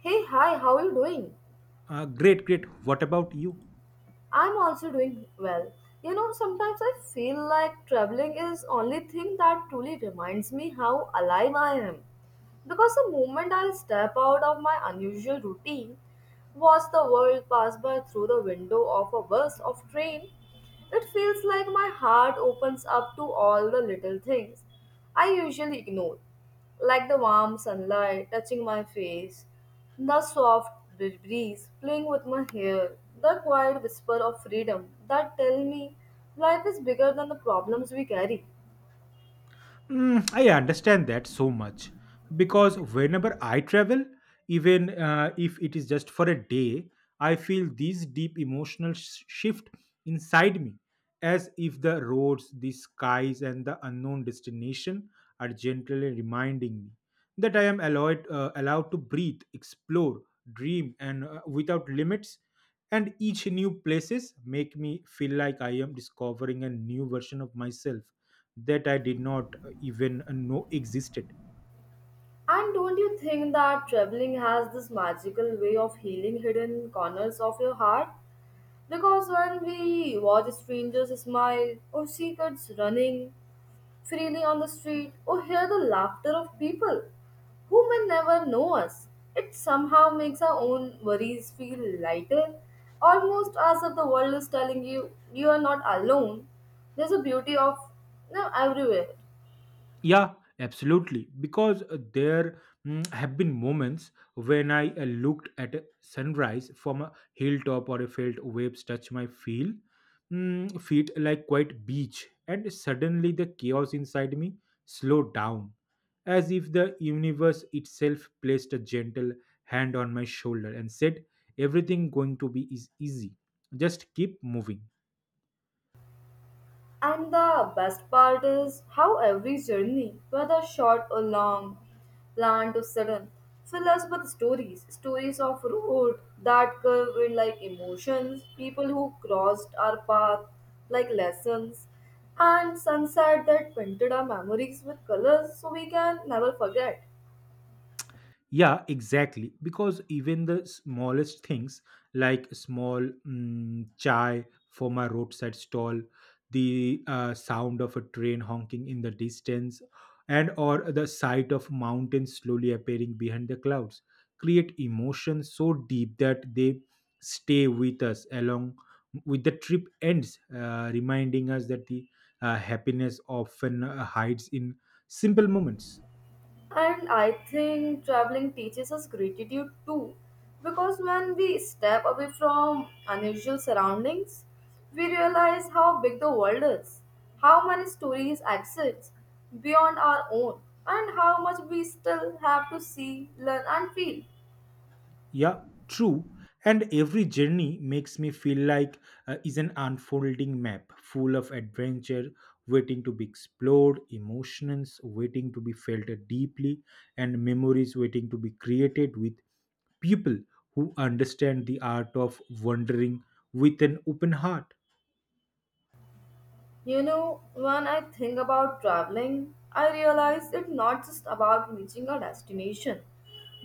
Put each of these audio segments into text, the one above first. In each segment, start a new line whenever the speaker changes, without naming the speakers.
Hey, hi, how are you doing?
Great, great. What about you?
I'm also doing well. You know, sometimes I feel like traveling is only thing that truly reminds me how alive I am. Because the moment I step out of my unusual routine, watch the world pass by through the window of a bus or train, it feels like my heart opens up to all the little things I usually ignore, like the warm sunlight touching my face, the soft breeze playing with my hair, the quiet whisper of freedom that tell me life is bigger than the problems we carry.
Mm, I understand that so much because whenever I travel, even if it is just for a day, I feel this deep emotional shift inside me, as if the roads, the skies, and the unknown destination are gently reminding me that I am allowed to breathe, explore, dream, and without limits. And each new places make me feel like I am discovering a new version of myself that I did not even know existed.
And don't you think that traveling has this magical way of healing hidden corners of your heart? Because when we watch strangers smile, or see kids running freely on the street, or hear the laughter of people who may never know us, it somehow makes our own worries feel lighter, almost as if the world is telling you you are not alone. There's a beauty of everywhere.
Yeah, absolutely. Because there have been moments when I looked at a sunrise from a hilltop or I felt waves touch my feel, feet like quite beach, and suddenly the chaos inside me slowed down, as if the universe itself placed a gentle hand on my shoulder and said, "Everything going to be is easy. Just keep moving."
And the best part is how every journey, whether short or long, planned or sudden, fill us with stories. Stories of road that curve in like emotions, people who crossed our path like lessons, and sunset that painted our memories with colors so we can never forget.
Yeah, exactly. Because even the smallest things, like small chai from a roadside stall, the sound of a train honking in the distance, and or the sight of mountains slowly appearing behind the clouds, create emotions so deep that they stay with us along with the trip ends, reminding us that the happiness often hides in simple moments.
And I think traveling teaches us gratitude too, because when we step away from unusual surroundings, we realize how big the world is, how many stories exist beyond our own, and how much we still have to see, learn, and feel.
Yeah, true. And every journey makes me feel like is an unfolding map full of adventure waiting to be explored, emotions waiting to be felt deeply, and memories waiting to be created with people who understand the art of wandering with an open heart.
You know, when I think about traveling, I realize it's not just about reaching a destination,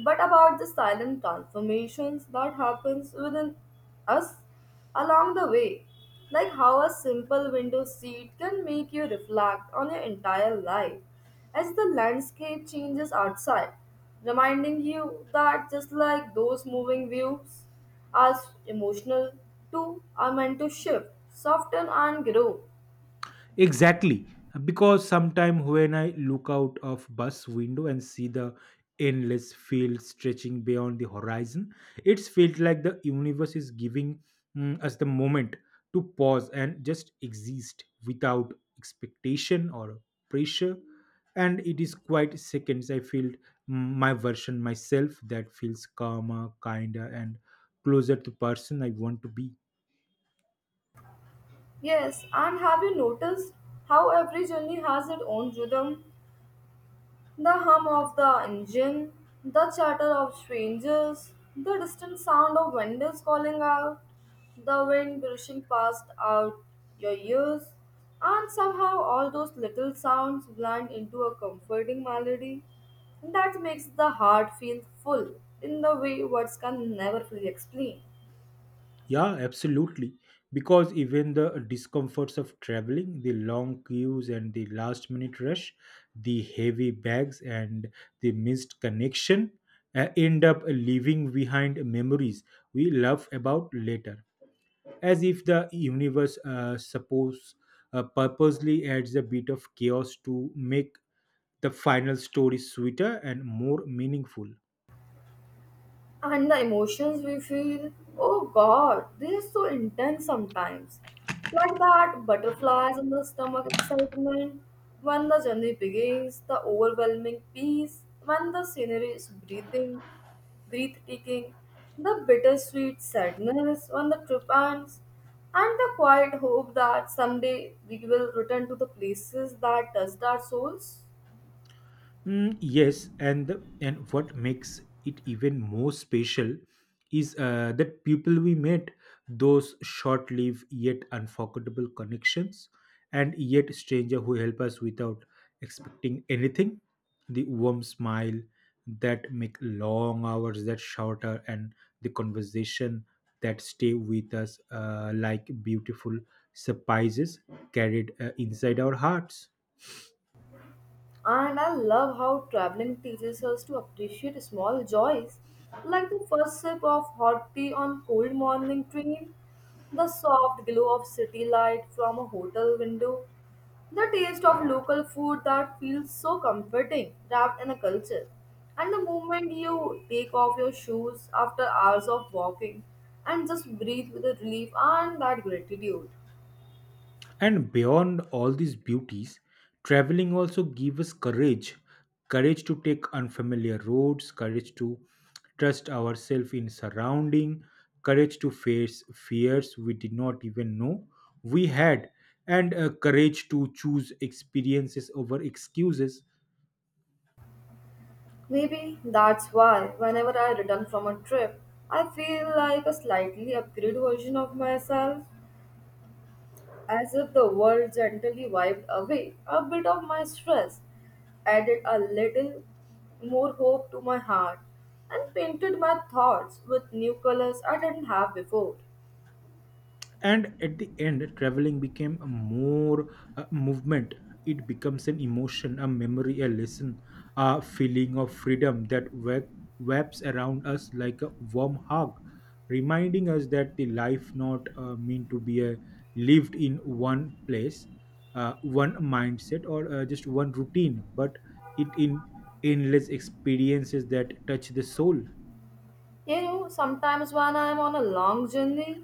but about the silent transformations that happens within us along the way. Like how a simple window seat can make you reflect on your entire life as the landscape changes outside, reminding you that just like those moving views, as emotional too are meant to shift, soften and grow.
Exactly, because sometime when I look out of bus window and see the endless field stretching beyond the horizon, it's felt like the universe is giving us the moment to pause and just exist without expectation or pressure. And it is quite seconds I feel my version myself that feels calmer, kinder, and closer to person I want to be.
Yes, and have you noticed how every journey has its own rhythm? The hum of the engine, the chatter of strangers, the distant sound of vendors calling out, the wind brushing past out your ears, and somehow all those little sounds blend into a comforting melody that makes the heart feel full in the way words can never fully explain.
Yeah, absolutely. Because even the discomforts of traveling, the long queues and the last minute rush, the heavy bags and the missed connection end up leaving behind memories we laugh about later. As if the universe suppose purposely adds a bit of chaos to make the final story sweeter and more meaningful.
And the emotions we feel, oh God, they are so intense sometimes. Like that butterflies in the stomach excitement, when the journey begins, the overwhelming peace, when the scenery is breathing, breathtaking, the bittersweet sadness when the trip ends, and the quiet hope that someday we will return to the places that touched our souls.
Mm, yes, and what makes it even more special is that people we met, those short-lived yet unforgettable connections, and yet stranger who help us without expecting anything, the warm smile that make long hours that shorter, and the conversation that stay with us like beautiful surprises carried inside our hearts.
And I love how traveling teaches us to appreciate small joys, like the first sip of hot tea on cold morning train, the soft glow of city light from a hotel window, the taste of local food that feels so comforting wrapped in a culture, and the moment you take off your shoes after hours of walking and just breathe with the relief and that gratitude.
And beyond all these beauties, traveling also gives us courage courage to take unfamiliar roads, courage to trust ourselves in surrounding, courage to face fears we did not even know we had, and courage to choose experiences over excuses.
Maybe that's why, whenever I return from a trip, I feel like a slightly upgraded version of myself, as if the world gently wiped away a bit of my stress, added a little more hope to my heart, and painted my thoughts with new colors I didn't have before.
And at the end traveling became a more movement, it becomes an emotion, a memory, a lesson, a feeling of freedom that webs around us like a warm hug, reminding us that the life not mean to be lived in one place, one mindset or just one routine, but it in endless experiences that touch the soul.
You know, sometimes when I am on a long journey,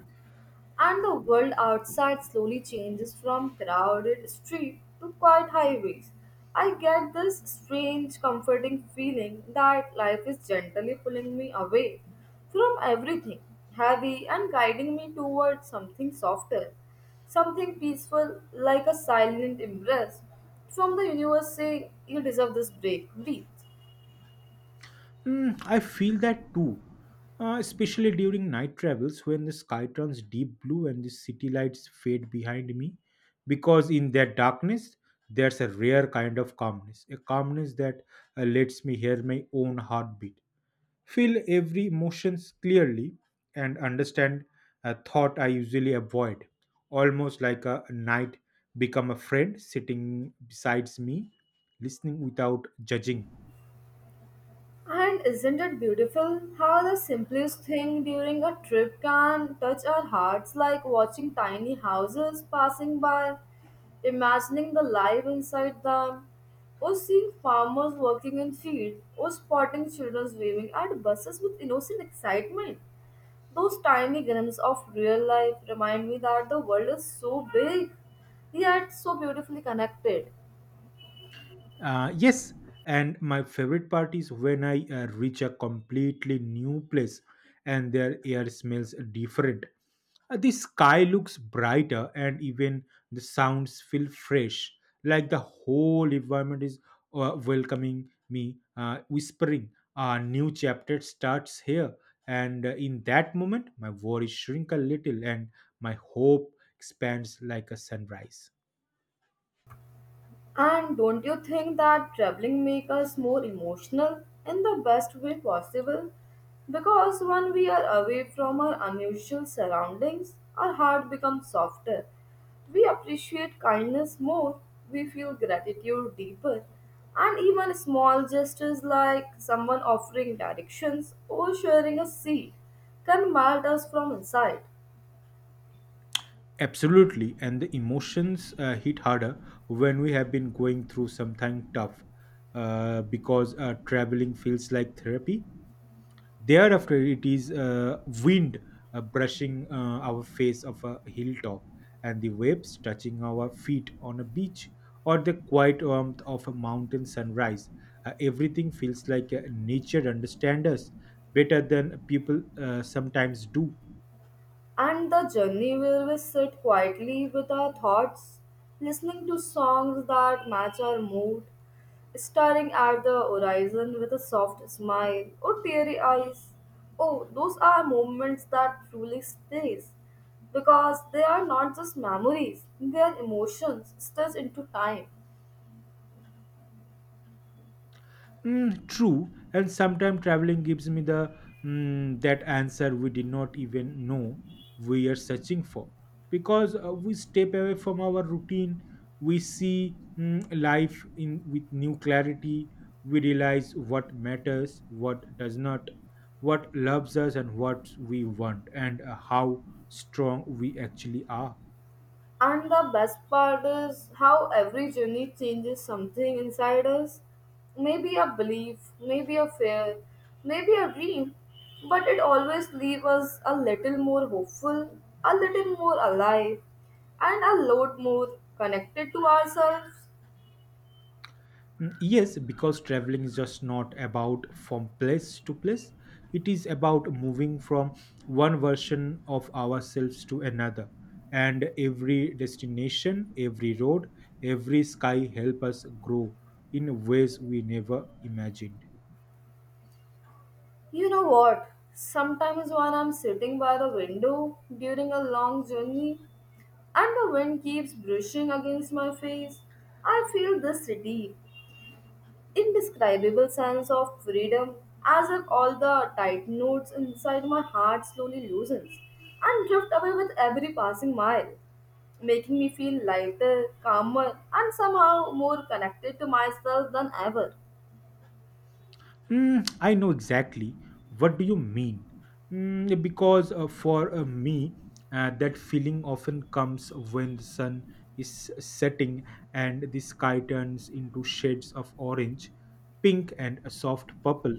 and the world outside slowly changes from crowded street to quiet highways. I get this strange, comforting feeling that life is gently pulling me away from everything heavy and guiding me towards something softer, something peaceful, like a silent embrace from the universe saying, "You deserve this break, breathe."
Mm, I feel that too, especially during night travels when the sky turns deep blue and the city lights fade behind me. Because in that darkness, there's a rare kind of calmness, a calmness that lets me hear my own heartbeat, feel every emotions clearly, and understand a thought I usually avoid. Almost like a night become a friend sitting beside me, listening without judging.
And isn't it beautiful how the simplest thing during a trip can touch our hearts, like watching tiny houses passing by, imagining the life inside them, or seeing farmers working in fields, or spotting children waving at buses with innocent excitement? Those tiny glimpses of real life remind me that the world is so big, yet so beautifully connected.
Yes, and my favorite part is when I reach a completely new place and their air smells different. The sky looks brighter and even the sounds feel fresh, like the whole environment is welcoming me, whispering, "A new chapter starts here." And in that moment, my worries shrink a little and my hope expands like a sunrise.
And don't you think that traveling make us more emotional in the best way possible? Because when we are away from our unusual surroundings, our heart becomes softer. We appreciate kindness more, we feel gratitude deeper, and even small gestures like someone offering directions or sharing a seat can melt us from inside.
Absolutely, and the emotions hit harder when we have been going through something tough because traveling feels like therapy. Thereafter, it is wind brushing our face of a hilltop, and the waves touching our feet on a beach, or the quiet warmth of a mountain sunrise. Everything feels like nature understands us better than people sometimes do.
And the journey where we sit quietly with our thoughts, listening to songs that match our mood, staring at the horizon with a soft smile or teary eyes. Oh, those are moments that truly stays because they are not just memories, they are emotions stitched into time.
Mm, true, and sometimes traveling gives me the that answer we did not even know we are searching for because we step away from our routine. We see life in with new clarity. We realize what matters, what does not, what loves us, and what we want, and how strong we actually are.
And the best part is how every journey changes something inside us. Maybe a belief, maybe a fear, maybe a dream. But it always leaves us a little more hopeful, a little more alive, and a lot more connected to ourselves.
Mm, yes, because traveling is just not about from place to place. It is about moving from one version of ourselves to another. And every destination, every road, every sky help us grow in ways we never imagined.
You know what? Sometimes when I'm sitting by the window during a long journey and the wind keeps brushing against my face, I feel this city. Indescribable sense of freedom, as if all the tight knots inside my heart slowly loosens and drift away with every passing mile, making me feel lighter, calmer, and somehow more connected to myself than ever.
Hmm, I know exactly. What do you mean? Mm, because for me, that feeling often comes when the sun is setting and the sky turns into shades of orange, pink, and a soft purple.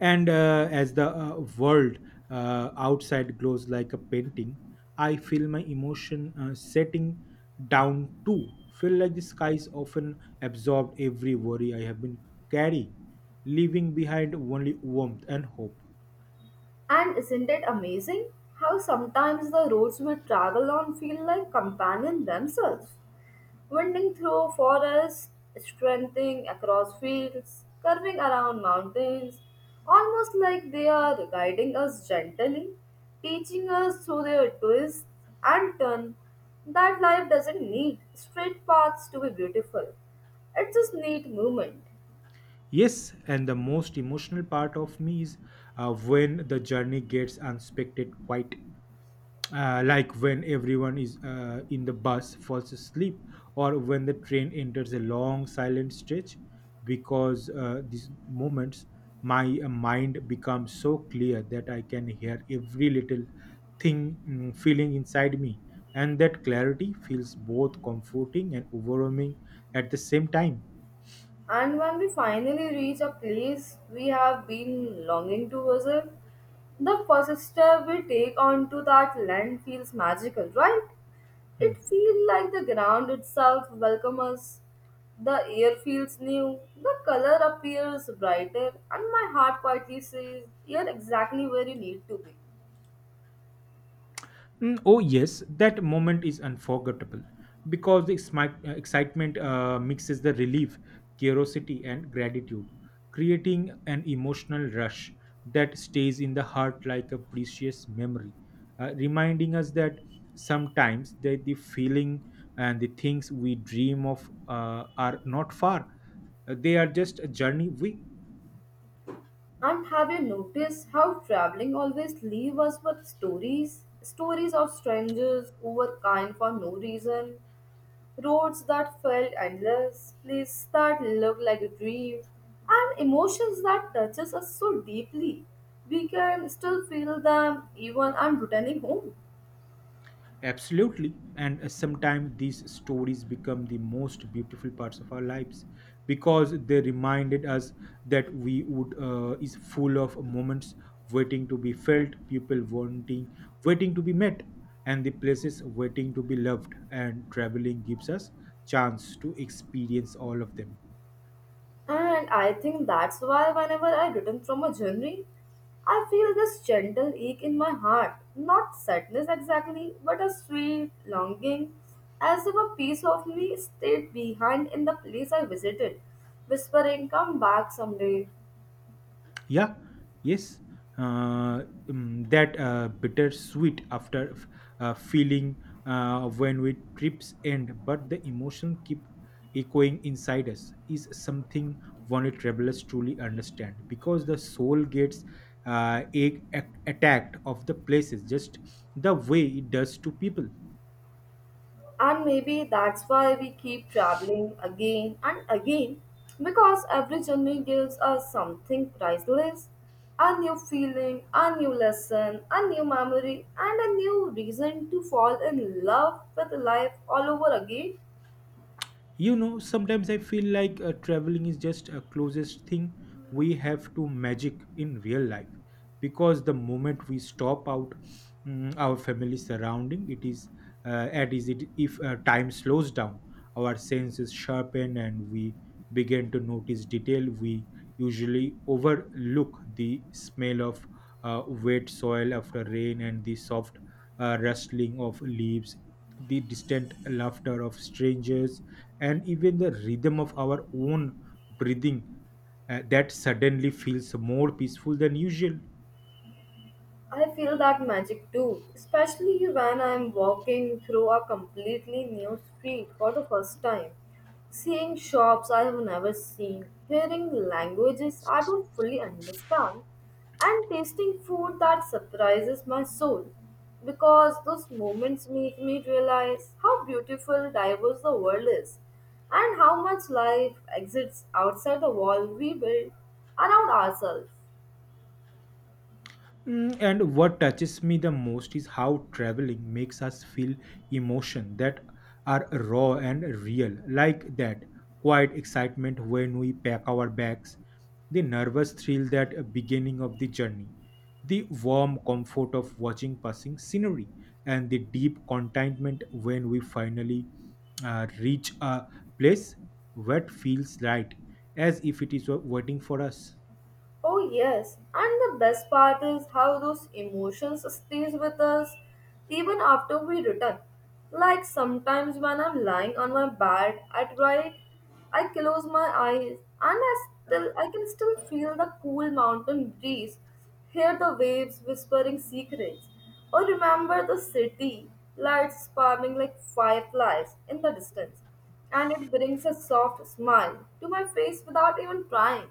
And as the world outside glows like a painting, I feel my emotion setting down too. Feel like the skies often absorbed every worry I have been carrying, leaving behind only warmth and hope.
And isn't it amazing how sometimes the roads we travel on feel like companions themselves? Winding through forests, strengthening across fields, curving around mountains, almost like they are guiding us gently, teaching us through their twists and turns that life doesn't need straight paths to be beautiful. It just needs movement.
Yes, and the most emotional part of me is when the journey gets unexpected, quite like when everyone is in the bus falls asleep or when the train enters a long silent stretch because these moments my mind becomes so clear that I can hear every little thing feeling inside me, and that clarity feels both comforting and overwhelming at the same time.
And when we finally reach a place we have been longing to visit, the first step we take onto that land feels magical, right? It
Hmm.
feels like the ground itself welcomes us. The air feels new, the color appears brighter, and my heart quietly says, "You're exactly where you need to be."
Mm, oh, yes, that moment is unforgettable because the excitement mixes the relief, curiosity, and gratitude, creating an emotional rush that stays in the heart like a precious memory, reminding us that sometimes that the feeling and the things we dream of are not far. They are just a journey we
And have you noticed how traveling always leaves us with stories? Stories of strangers who were kind for no reason, roads that felt endless, places that look like dreams, and emotions that touches us so deeply. We can still feel them even on returning home.
Absolutely. And sometimes these stories become the most beautiful parts of our lives because they reminded us that we would is full of moments waiting to be felt, people wanting, waiting to be met, and the places waiting to be loved. And traveling gives us chance to experience all of them.
And I think that's why whenever I return from a journey, I feel this gentle ache in my heart. Not sadness exactly, but a sweet longing, as if a piece of me stayed behind in the place I visited, whispering, "Come back someday."
Yeah, yes. Uh, that bittersweet after feeling when we trips end, but the emotion keep echoing inside us is something only travelers truly understand because the soul gets attacked of the places just the way it does to people.
And maybe that's why we keep traveling again and again because every journey gives us something priceless a new feeling, a new lesson, a new memory, and a new reason to fall in love with life all over again.
You know, sometimes I feel like traveling is just a closest thing we have to magic in real life because the moment we stop out our family surrounding, it is at is it if time slows down, our senses sharpen and we begin to notice detail we usually overlook, the smell of wet soil after rain, and the soft rustling of leaves, the distant laughter of strangers, and even the rhythm of our own breathing that suddenly feels more peaceful than usual.
I feel that magic too, especially when I'm walking through a completely new street for the first time. Seeing shops I have never seen, hearing languages I don't fully understand, and tasting food that surprises my soul. Because those moments make me realize how beautiful, diverse the world is, and how much life exists outside the wall we build around ourselves.
Mm, and what touches me the most is how traveling makes us feel emotion that are raw and real, like that quiet excitement when we pack our bags, the nervous thrill that beginning of the journey, the warm comfort of watching passing scenery, and the deep contentment when we finally reach a place that feels right, as if it is waiting for us.
Oh yes, and the best part is how those emotions stays with us even after we return. Like sometimes when I'm lying on my bed at night, I close my eyes and I can still feel the cool mountain breeze, hear the waves whispering secrets, or remember the city lights sparkling like fireflies in the distance, and it brings a soft smile to my face without even trying.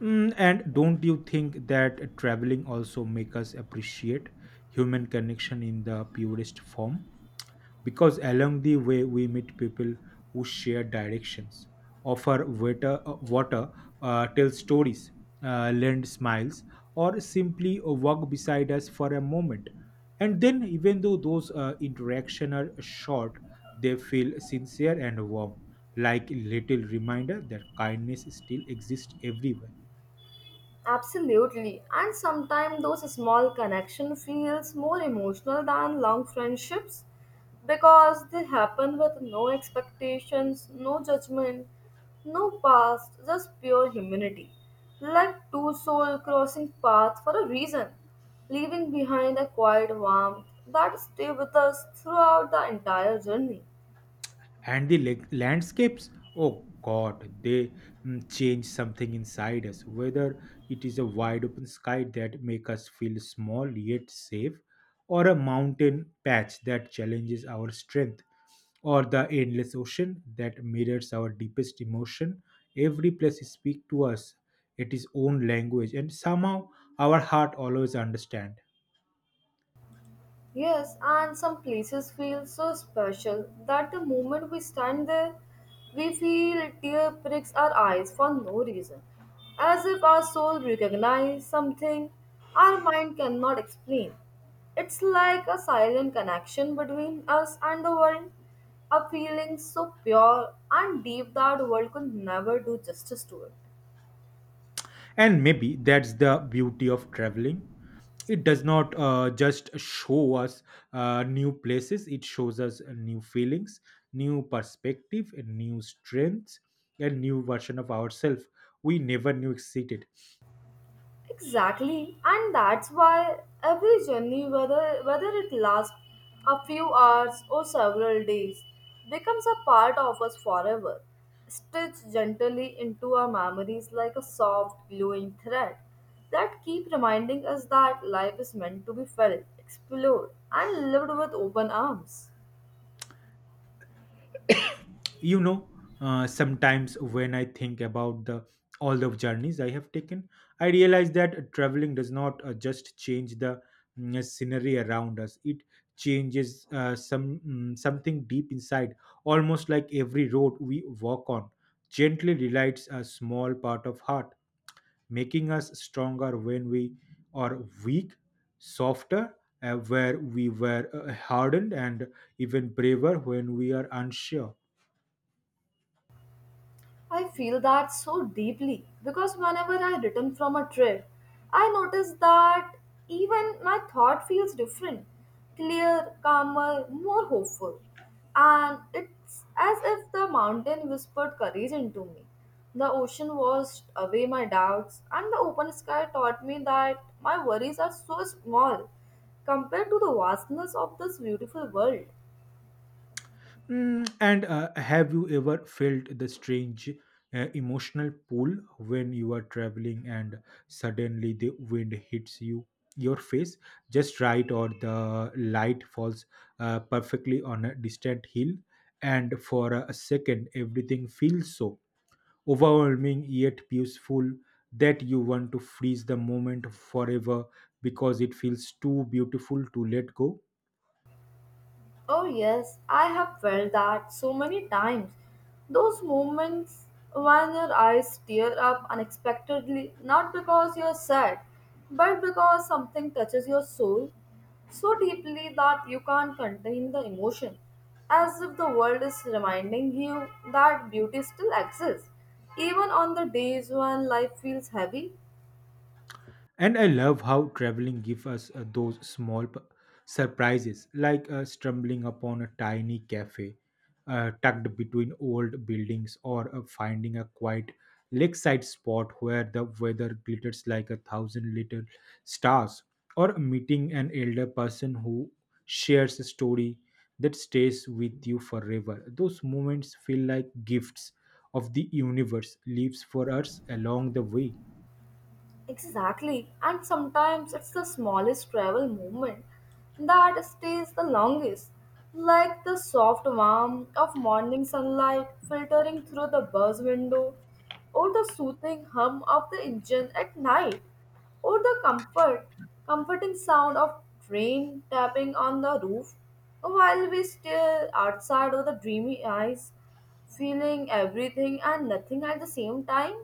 Mm, and don't you think that traveling also make us appreciate human connection in the purest form? Because along the way we meet people who share directions, offer water, tell stories, lend smiles, or simply walk beside us for a moment. And then, even though those interactions are short, they feel sincere and warm, like little reminder that kindness still exists everywhere.
Absolutely. And sometimes those small connection feels more emotional than long friendships because they happen with no expectations, no judgment, no past, just pure humanity. Like two souls crossing paths for a reason, leaving behind a quiet warmth that stay with us throughout the entire journey.
And the landscapes, oh god, they change something inside us, whether it is a wide open sky that make us feel small yet safe, or a mountain patch that challenges our strength, or the endless ocean that mirrors our deepest emotion. Every place speaks to us its own language, and somehow our heart always understand.
Yes, and some places feel so special that the moment we stand there, we feel tear pricks our eyes for no reason, as if our soul recognizes something our mind cannot explain. It's like a silent connection between us and the world, a feeling so pure and deep that the world could never do justice to it.
And maybe that's the beauty of traveling. It does not just show us new places, it shows us new feelings, new perspective and new strengths, and new version of ourselves we never knew existed.
Exactly, and that's why every journey, whether it lasts a few hours or several days, becomes a part of us forever, stitched gently into our memories like a soft, glowing thread that keep reminding us that life is meant to be felt, explored, and lived with open arms.
You know, sometimes when I think about the all the journeys I have taken, I realize that traveling does not just change the scenery around us, it changes some something deep inside. Almost like every road we walk on gently relights a small part of heart, making us stronger when we are weak, softer where we were hardened, and even braver when we are unsure.
I feel that so deeply because whenever I return from a trip, I notice that even my thought feels different, clear, calmer, more hopeful. And it's as if the mountain whispered courage into me. The ocean washed away my doubts, and the open sky taught me that my worries are so small compared to the vastness of this beautiful world.
Mm, and have you ever felt the strange emotional pull when you are traveling and suddenly the wind hits you, your face just right, or the light falls perfectly on a distant hill, and for a second everything feels so overwhelming yet peaceful that you want to freeze the moment forever because it feels too beautiful to let go?
Oh, yes, I have felt that so many times. Those moments when your eyes tear up unexpectedly, not because you're sad, but because something touches your soul so deeply that you can't contain the emotion, as if the world is reminding you that beauty still exists, even on the days when life feels heavy.
And I love how traveling gives us those small surprises, like stumbling upon a tiny cafe tucked between old buildings, or finding a quiet lakeside spot where the weather glitters like a thousand little stars, or meeting an elder person who shares a story that stays with you forever. Those moments feel like gifts of the universe, leaves for us along the way.
Exactly. And sometimes it's the smallest travel moment that stays the longest, like the soft warmth of morning sunlight filtering through the bus window, or the soothing hum of the engine at night, or comforting sound of train tapping on the roof while we stare outside with the dreamy eyes, feeling everything and nothing at the same time.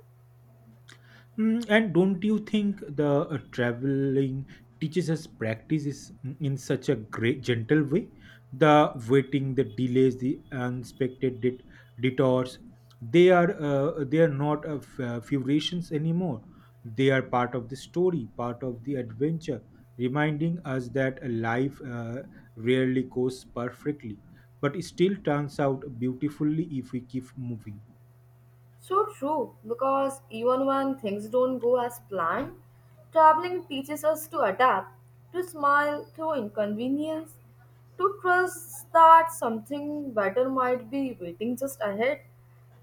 Mm, and don't you think the traveling teaches us practice is in such a great gentle way? The waiting, the delays, the unexpected detours, they are not figurations anymore. They are part of the story, part of the adventure, reminding us that a life rarely goes perfectly, but it still turns out beautifully if we keep moving.
So true, because even when things don't go as planned, traveling teaches us to adapt, to smile through inconvenience, to trust that something better might be waiting just ahead.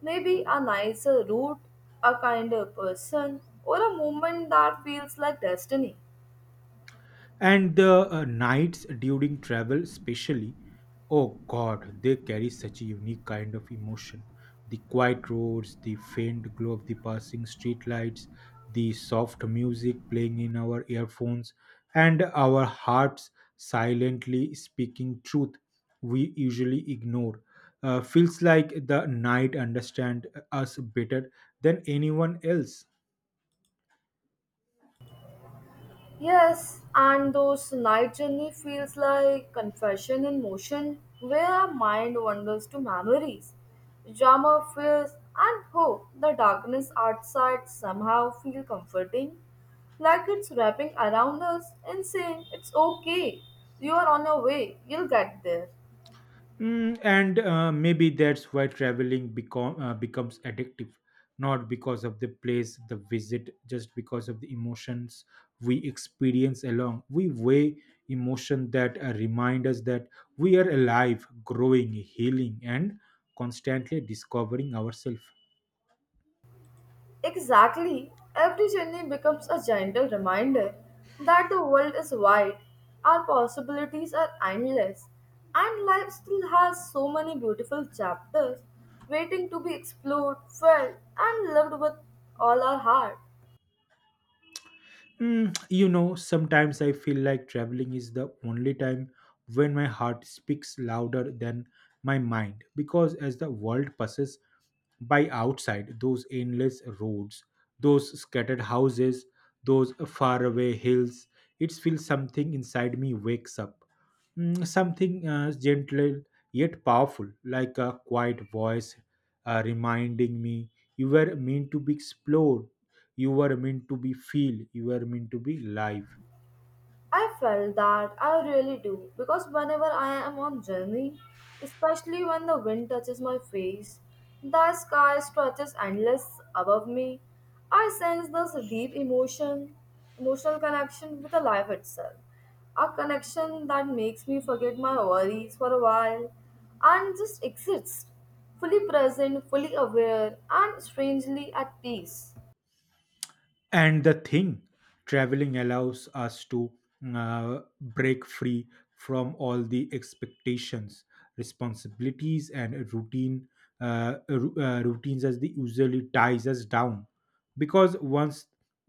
Maybe a nicer route, a kinder person, or a moment that feels like destiny.
And the nights during travel, especially, oh god, they carry such a unique kind of emotion. The quiet roads, the faint glow of the passing streetlights, the soft music playing in our earphones, and our hearts silently speaking truth we usually ignore. Feels like the night understand us better than anyone else.
Yes, and those night journey feels like confession in motion, where our mind wanders to memories, drama, fears, and hope. The darkness outside somehow feel comforting, like it's wrapping around us and saying, "It's okay. You are on your way. You'll get there."
Mm, and maybe that's why traveling becomes addictive. Not because of the place, the visit, just because of the emotions we experience along. We weigh emotion that remind us that we are alive, growing, healing, and constantly discovering ourselves.
Exactly. Every journey becomes a gentle reminder that the world is wide, our possibilities are endless, and life still has so many beautiful chapters waiting to be explored, felt, and loved with all our heart.
Mm, you know, sometimes I feel like traveling is the only time when my heart speaks louder than my mind, because as the world passes by outside, those endless roads, those scattered houses, those faraway hills, it feels something inside me wakes up. Mm, something gentle yet powerful, like a quiet voice reminding me, you were meant to be explored, you were meant to be feel, you were meant to be live.
I felt that I really do because whenever I am on journey, especially when the wind touches my face, the sky stretches endless above me. I sense this emotional connection with the life itself, a connection that makes me forget my worries for a while and just exist, fully present, fully aware, and strangely at peace.
And the thing, traveling allows us to break free from all the expectations, responsibilities and routine, routines, as they usually ties us down. Because once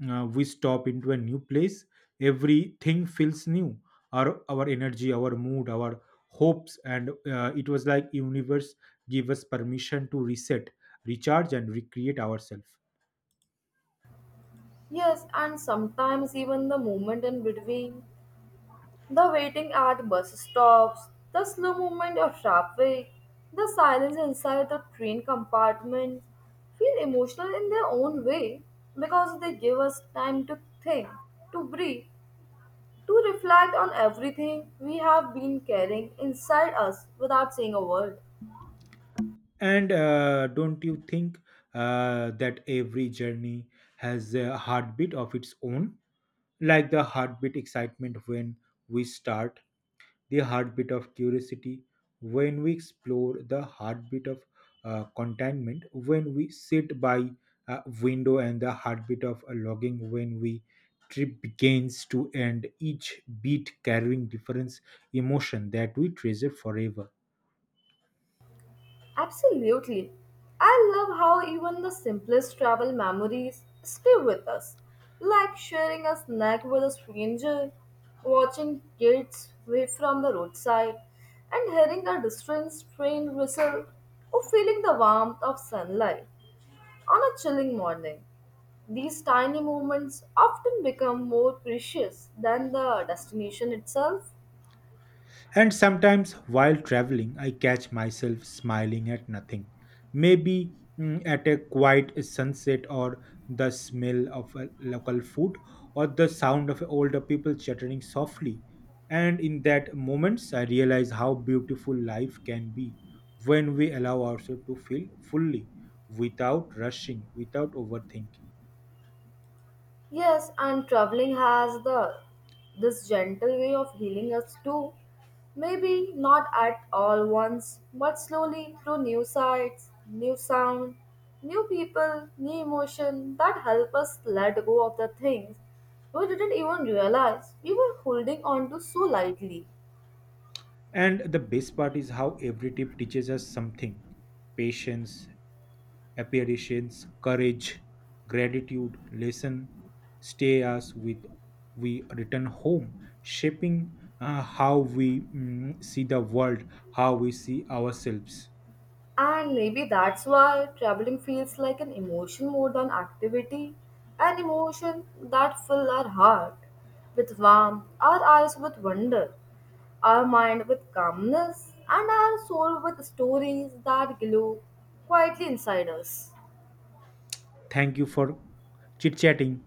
we stop into a new place, everything feels new, our energy, our mood, our hopes, and it was like universe give us permission to reset, recharge and recreate ourselves.
Yes, and sometimes even the moment in between The waiting at bus stops, the slow movement of traffic, the silence inside the train compartments feel emotional in their own way because they give us time to think, to breathe, to reflect on everything we have been carrying inside us without saying a word.
And don't you think that every journey has a heartbeat of its own? Like the heartbeat excitement when we start, the heartbeat of curiosity when we explore, the heartbeat of contentment when we sit by a window, and the heartbeat of logging when we trip begins to end, each beat carrying different emotion that we treasure forever.
Absolutely. I love how even the simplest travel memories stay with us, like sharing a snack with a stranger, watching kids wave from the roadside, and hearing a distant train whistle, or feeling the warmth of sunlight on a chilling morning. These tiny moments often become more precious than the destination itself.
And sometimes while traveling, I catch myself smiling at nothing. Maybe at a quiet sunset, or the smell of a local food, or the sound of older people chattering softly. And in that moments, I realize how beautiful life can be when we allow ourselves to feel fully, without rushing, without overthinking.
Yes, and traveling has the this gentle way of healing us too. Maybe not at all once, but slowly through new sights, new sound, new people, new emotion that help us let go of the things we didn't even realize we were holding on to so lightly.
And the best part is how every tip teaches us something, patience, apparitions, courage, gratitude, lesson, stay us with we return home, shaping how we see the world, how we see ourselves.
And maybe that's why traveling feels like an emotion more than activity, an emotion that fills our heart with warmth, our eyes with wonder, our mind with calmness, and our soul with stories that glow quietly inside us.
Thank you for chit chatting.